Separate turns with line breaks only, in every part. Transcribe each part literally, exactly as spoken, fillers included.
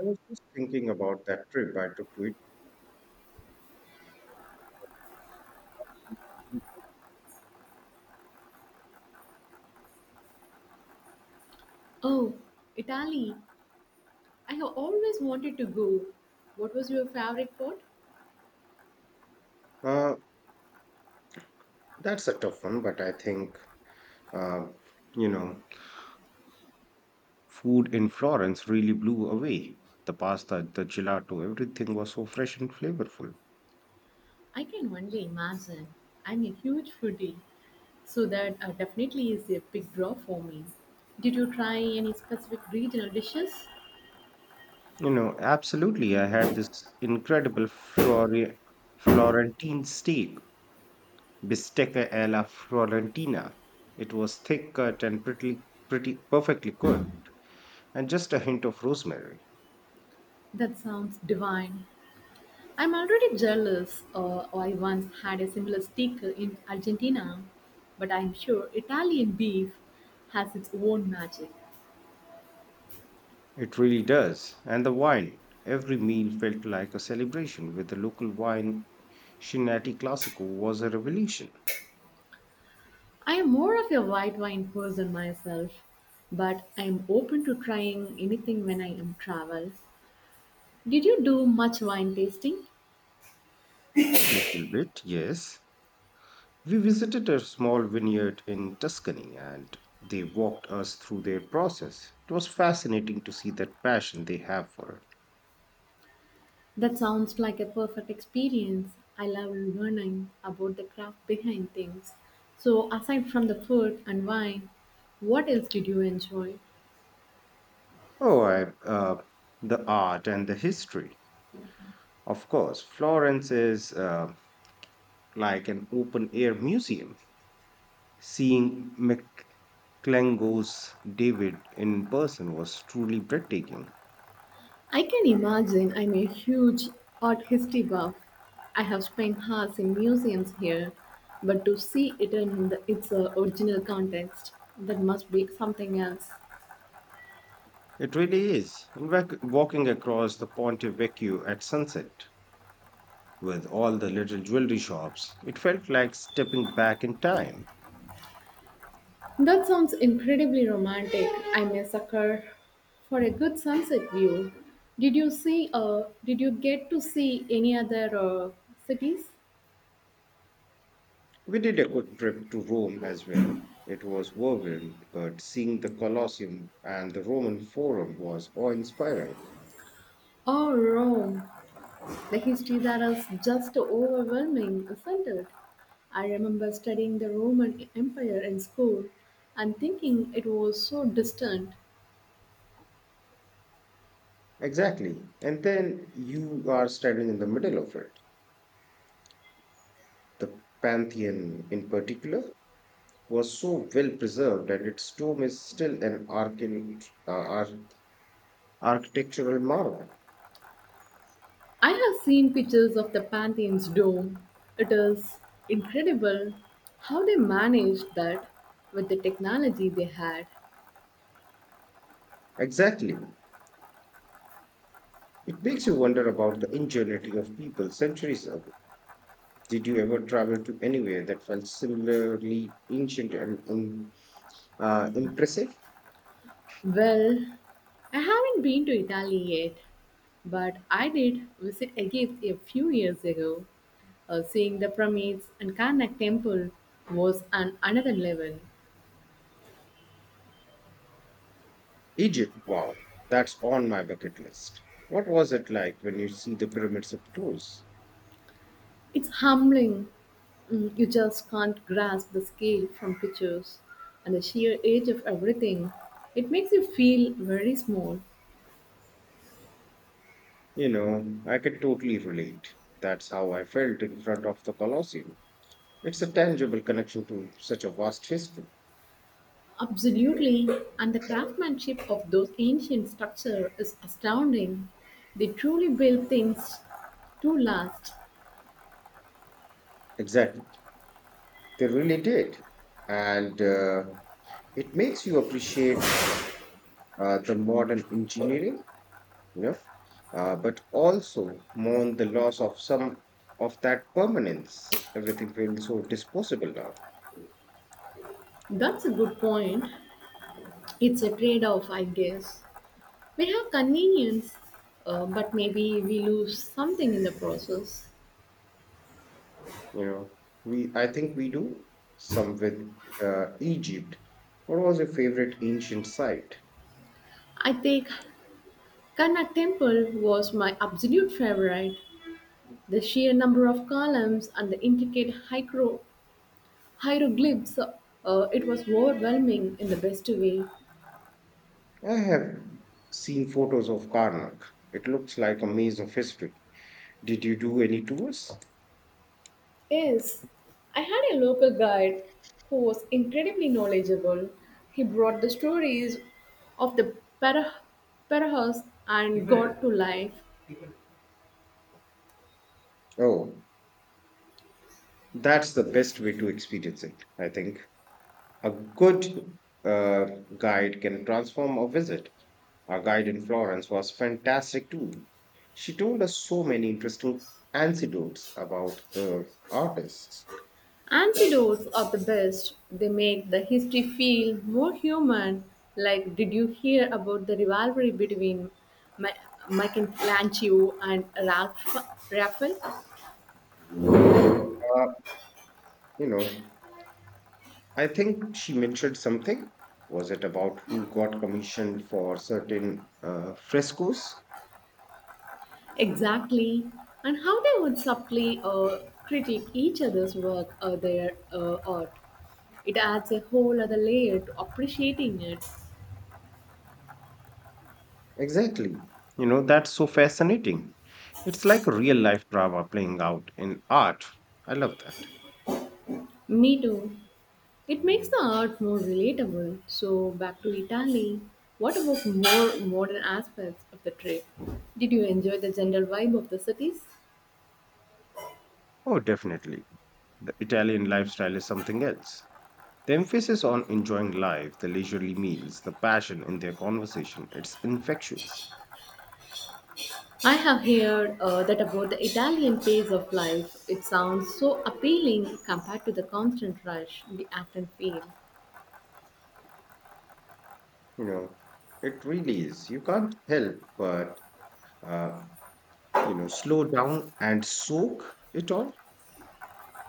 I was just thinking about that trip I took to it.
Oh, Italy. I have always wanted to go. What was your favorite part?
Uh, that's a tough one, but I think, uh, you know, food in Florence really blew away. The pasta, the gelato, everything was so fresh and flavorful.
I can only imagine. I'm a huge foodie, so that uh, definitely is a big draw for me. Did you try any specific regional dishes?
You know, absolutely. I had this incredible Flore- Florentine steak, bistecca alla Florentina. It was thick cut and pretty, pretty perfectly cooked, and just a hint of rosemary.
That sounds divine. I'm already jealous. Uh, I once had a similar steak in Argentina, but I'm sure Italian beef has its own magic.
It really does. And the wine. Every meal felt like a celebration with the local wine. Shinati Classico was a revelation.
I'm more of a white wine person myself, but I'm open to trying anything when I am travel. Did you do much wine tasting?
A little bit, yes. We visited a small vineyard in Tuscany and they walked us through their process. It was fascinating to see that passion they have for it.
That sounds like a perfect experience. I love learning about the craft behind things. So, aside from the food and wine, what else did you enjoy?
Oh, I, uh, the art and the history. Of course, Florence is uh, like an open air museum. Seeing Mc- Klango's David in person was truly breathtaking.
I can imagine I'm a huge art history buff. I have spent hours in museums here, but to see it in the, its uh, original context, that must be something else.
It really is. In fact, walking across the Ponte Vecchio at sunset with all the little jewelry shops, it felt like stepping back in time.
That sounds incredibly romantic. I'm a sucker for a good sunset view. Did you see? Uh, did you get to see any other uh, cities?
We did a quick trip to Rome as well. It was whirlwind, but seeing the Colosseum and the Roman Forum was awe inspiring.
Oh, Rome! The histories are as just overwhelming, isn't it? I remember studying the Roman Empire in school and thinking it was so distant.
Exactly. And then you are standing in the middle of it. The Pantheon, in particular, was so well preserved that its tomb is still an archi- uh, ar- architectural marvel.
I have seen pictures of the Pantheon's dome. It is incredible how they managed that with the technology they had.
Exactly. It makes you wonder about the ingenuity of people centuries ago. Did you ever travel to anywhere that felt similarly ancient and um, uh, impressive?
Well, I haven't been to Italy yet, but I did visit Egypt a few years ago. Uh, seeing the pyramids and Karnak temple was on another level.
Egypt, wow, that's on my bucket list. What was it like when you see the pyramids up close?
It's humbling. Mm, you just can't grasp the scale from pictures and the sheer age of everything. It makes you feel very small.
You know, I can totally relate. That's how I felt in front of the Colosseum. It's a tangible connection to such a vast history.
Absolutely, and the craftsmanship of those ancient structures is astounding. They truly build things to last.
Exactly. They really did. And uh, it makes you appreciate uh, the modern engineering, you know, uh, but also mourn the loss of some of that permanence. Everything feels so disposable now.
That's a good point. It's a trade off, I guess. We have convenience, uh, but maybe we lose something in the process.
You know, we I think we do some with uh, Egypt. What was your favorite ancient site?
I think Karnak Temple was my absolute favorite. The sheer number of columns and the intricate hiero-
I
hieroglyphs, uh, it was overwhelming in the best way.
have seen photos of Karnak. It looks like a maze of history. Did you do any tours?
Yes, I had a local guide who was incredibly knowledgeable. He brought the stories of the para- Parahus and God to life.
Oh, that's the best way to experience it, I think. A good uh, guide can transform a visit. Our guide in Florence was fantastic too. She told us so many interesting anecdotes about the artists.
Antidotes are the best. They make the history feel more human. Like, did you hear about the rivalry between Ma- Michelangelo and Ralph- Raphael?
Uh, you know, I think she mentioned something. Was it about who got commissioned for certain uh, frescoes?
Exactly. And how they would subtly uh, critique each other's work or their uh, art. It adds a whole other layer to appreciating it.
Exactly. You know, that's so fascinating. It's like a real life drama playing out in art. I love that.
Me too. It makes the art more relatable. So, back to Italy. What about more modern aspects of the trip? Did you enjoy the general vibe of the cities?
Oh, definitely. The Italian lifestyle is something else. The emphasis on enjoying life, the leisurely meals, the passion in their conversation, it's infectious.
I have heard uh, that about the Italian pace of life. It sounds so appealing compared to the constant rush we often feel.
You know, it really is. You can't help but uh, you know, slow down and soak it all.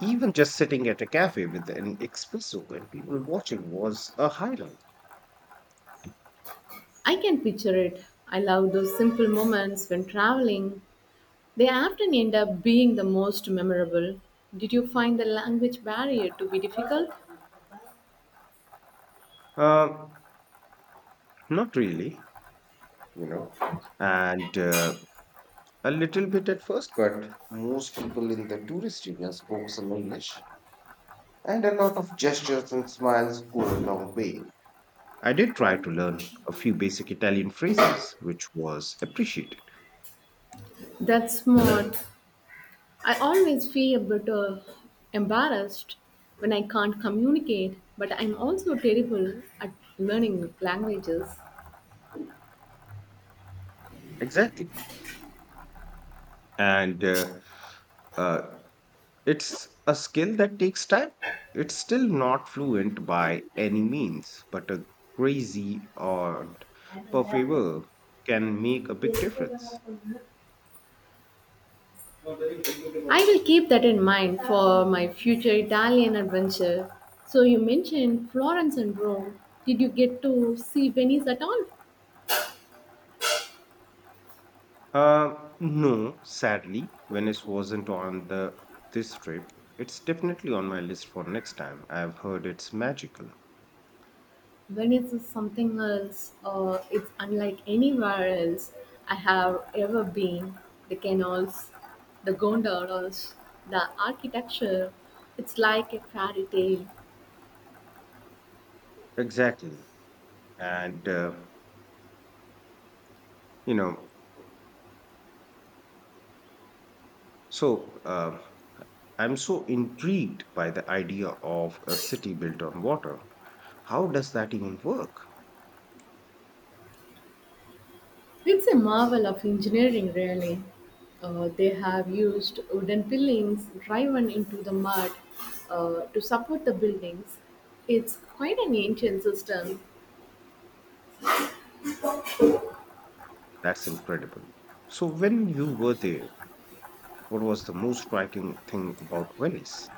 Even just sitting at a cafe with an espresso and people watching was a highlight.
I can picture it. I love those simple moments when traveling. They often end up being the most memorable. Did you find the language barrier to be difficult?
Uh, not really, you know, and uh, a little bit at first, but most people in the tourist area spoke some English, and a lot of gestures and smiles go a long way. I did try to learn a few basic Italian phrases, which was appreciated.
That's smart. I always feel a bit uh, embarrassed when I can't communicate, but I'm also terrible at learning languages.
Exactly. And uh, uh, It's a skill that takes time. It's still not fluent by any means, but a crazy and perfable can make a big difference.
I will keep that in mind for my future Italian adventure. So you mentioned Florence and Rome. Did you get to see Venice at all?
Uh, no, sadly, Venice wasn't on the this trip. It's definitely on my list for next time. I've heard it's magical.
Venice is something else. Uh, it's unlike anywhere else I have ever been. The canals, the gondolas, the architecture. It's like a fairy tale.
Exactly. And, uh, you know, so uh, I'm so intrigued by the idea of a city built on water. How does that even work?
It's a marvel of engineering, really. Uh, they have used wooden pillings driven into the mud uh, to support the buildings. It's quite an ancient system.
That's incredible. So, when you were there, what was the most striking thing about Venice?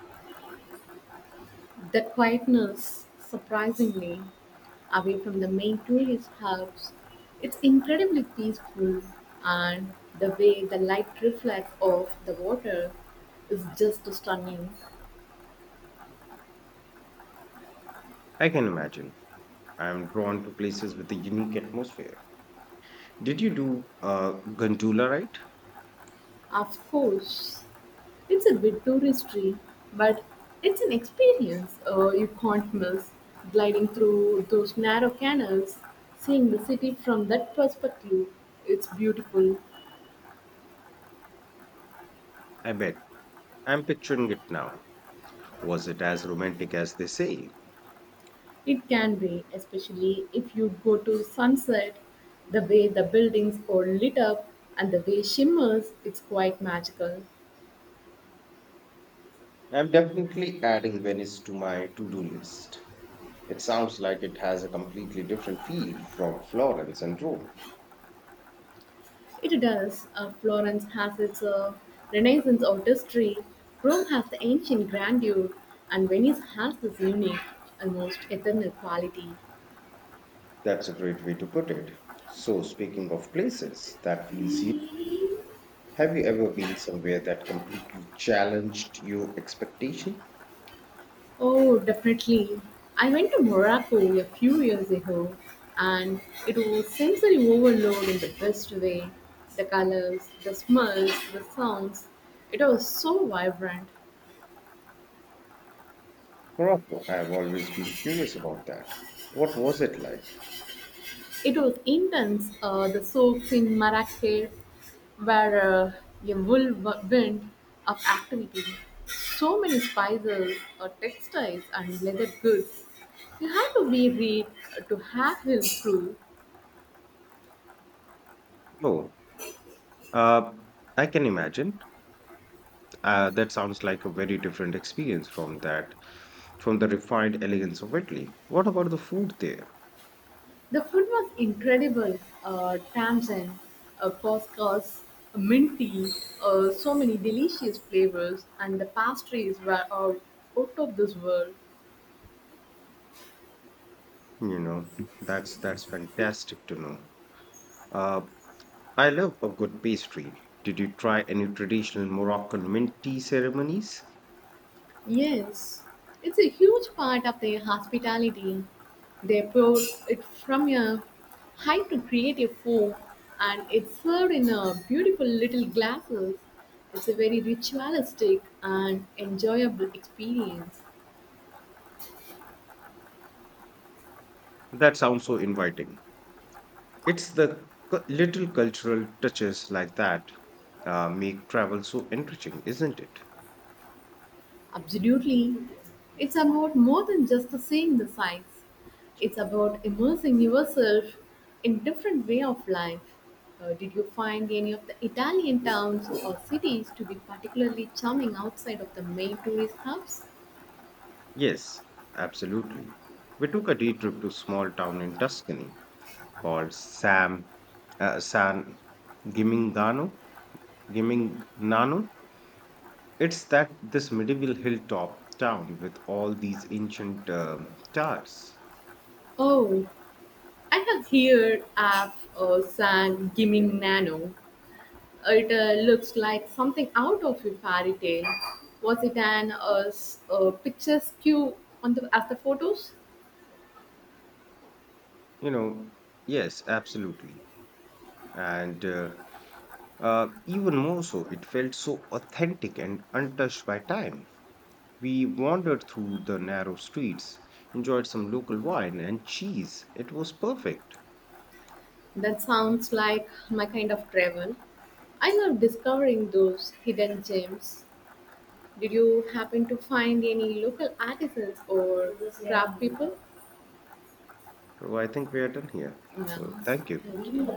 The quietness, surprisingly, away from the main tourist hubs, it's incredibly peaceful, and the way the light reflects off the water is just stunning.
I can imagine. I am drawn to places with a unique atmosphere. Did you do uh, gondola ride?
Of course, it's a bit touristy, but it's an experience uh, you can't miss. Gliding through those narrow canals, seeing the city from that perspective, it's beautiful.
I bet. I'm picturing it now. Was it as romantic as they say?
It can be, especially if you go to sunset, the way the buildings are lit up and the way shimmers, it's quite magical.
I'm definitely adding Venice to my to do list. It sounds like it has a completely different feel from Florence and Rome.
It does. Uh, Florence has its uh, Renaissance artistry, Rome has the ancient grandeur, and Venice has this unique, almost eternal quality.
That's a great way to put it. So, speaking of places that feels you, have you ever been somewhere that completely challenged your expectation?
Oh, definitely. I went to Morocco a few years ago, and it was sensory overload in the best way. The colors, the smells, the sounds, it was so vibrant.
Morocco. I have always been curious about that. What was it like?
It was intense. Uh, the souks in Marrakech were uh, a whirlwind of activity. So many spices, uh, textiles, and leather goods. You had to be read uh, to have him through.
Oh, uh, I can imagine. Uh, that sounds like a very different experience from that, from the refined elegance of Italy. What about the food there?
The food was incredible. Uh, tamsin, uh, couscous, mint tea, uh, so many delicious flavors, and the pastries were out, out of this world.
You know, that's that's fantastic to know. Uh, I love a good pastry. Did you try any traditional Moroccan mint tea ceremonies?
Yes, it's a huge part of their hospitality. They pour it from a height to create a foam, and it's served in a beautiful little glasses. It's a very ritualistic and enjoyable experience.
That sounds so inviting. It's the cu- little cultural touches like that uh, make travel so enriching, isn't it?
Absolutely. It's about more than just the seeing the sights. It's about immersing yourself in different way of life. Uh, did you find any of the Italian towns or cities to be particularly charming outside of the main tourist hubs?
Yes, absolutely. We took a day trip to a small town in Tuscany called Sam uh, San Gimignano. Gimignano. It's that this medieval hilltop town with all these ancient um towers.
Oh, I have here Af or San Gimignano. It uh, looks like something out of a fairy tale. Was it an uh, s- uh, picturesque on the as the photos?
You know, yes, absolutely. And uh, uh, even more so, it felt so authentic and untouched by time. We wandered through the narrow streets, enjoyed some local wine and cheese. It was perfect.
That sounds like my kind of travel. I love discovering those hidden gems. Did you happen to find any local artisans or craft people?
So I think we are done here. So thank you.
No.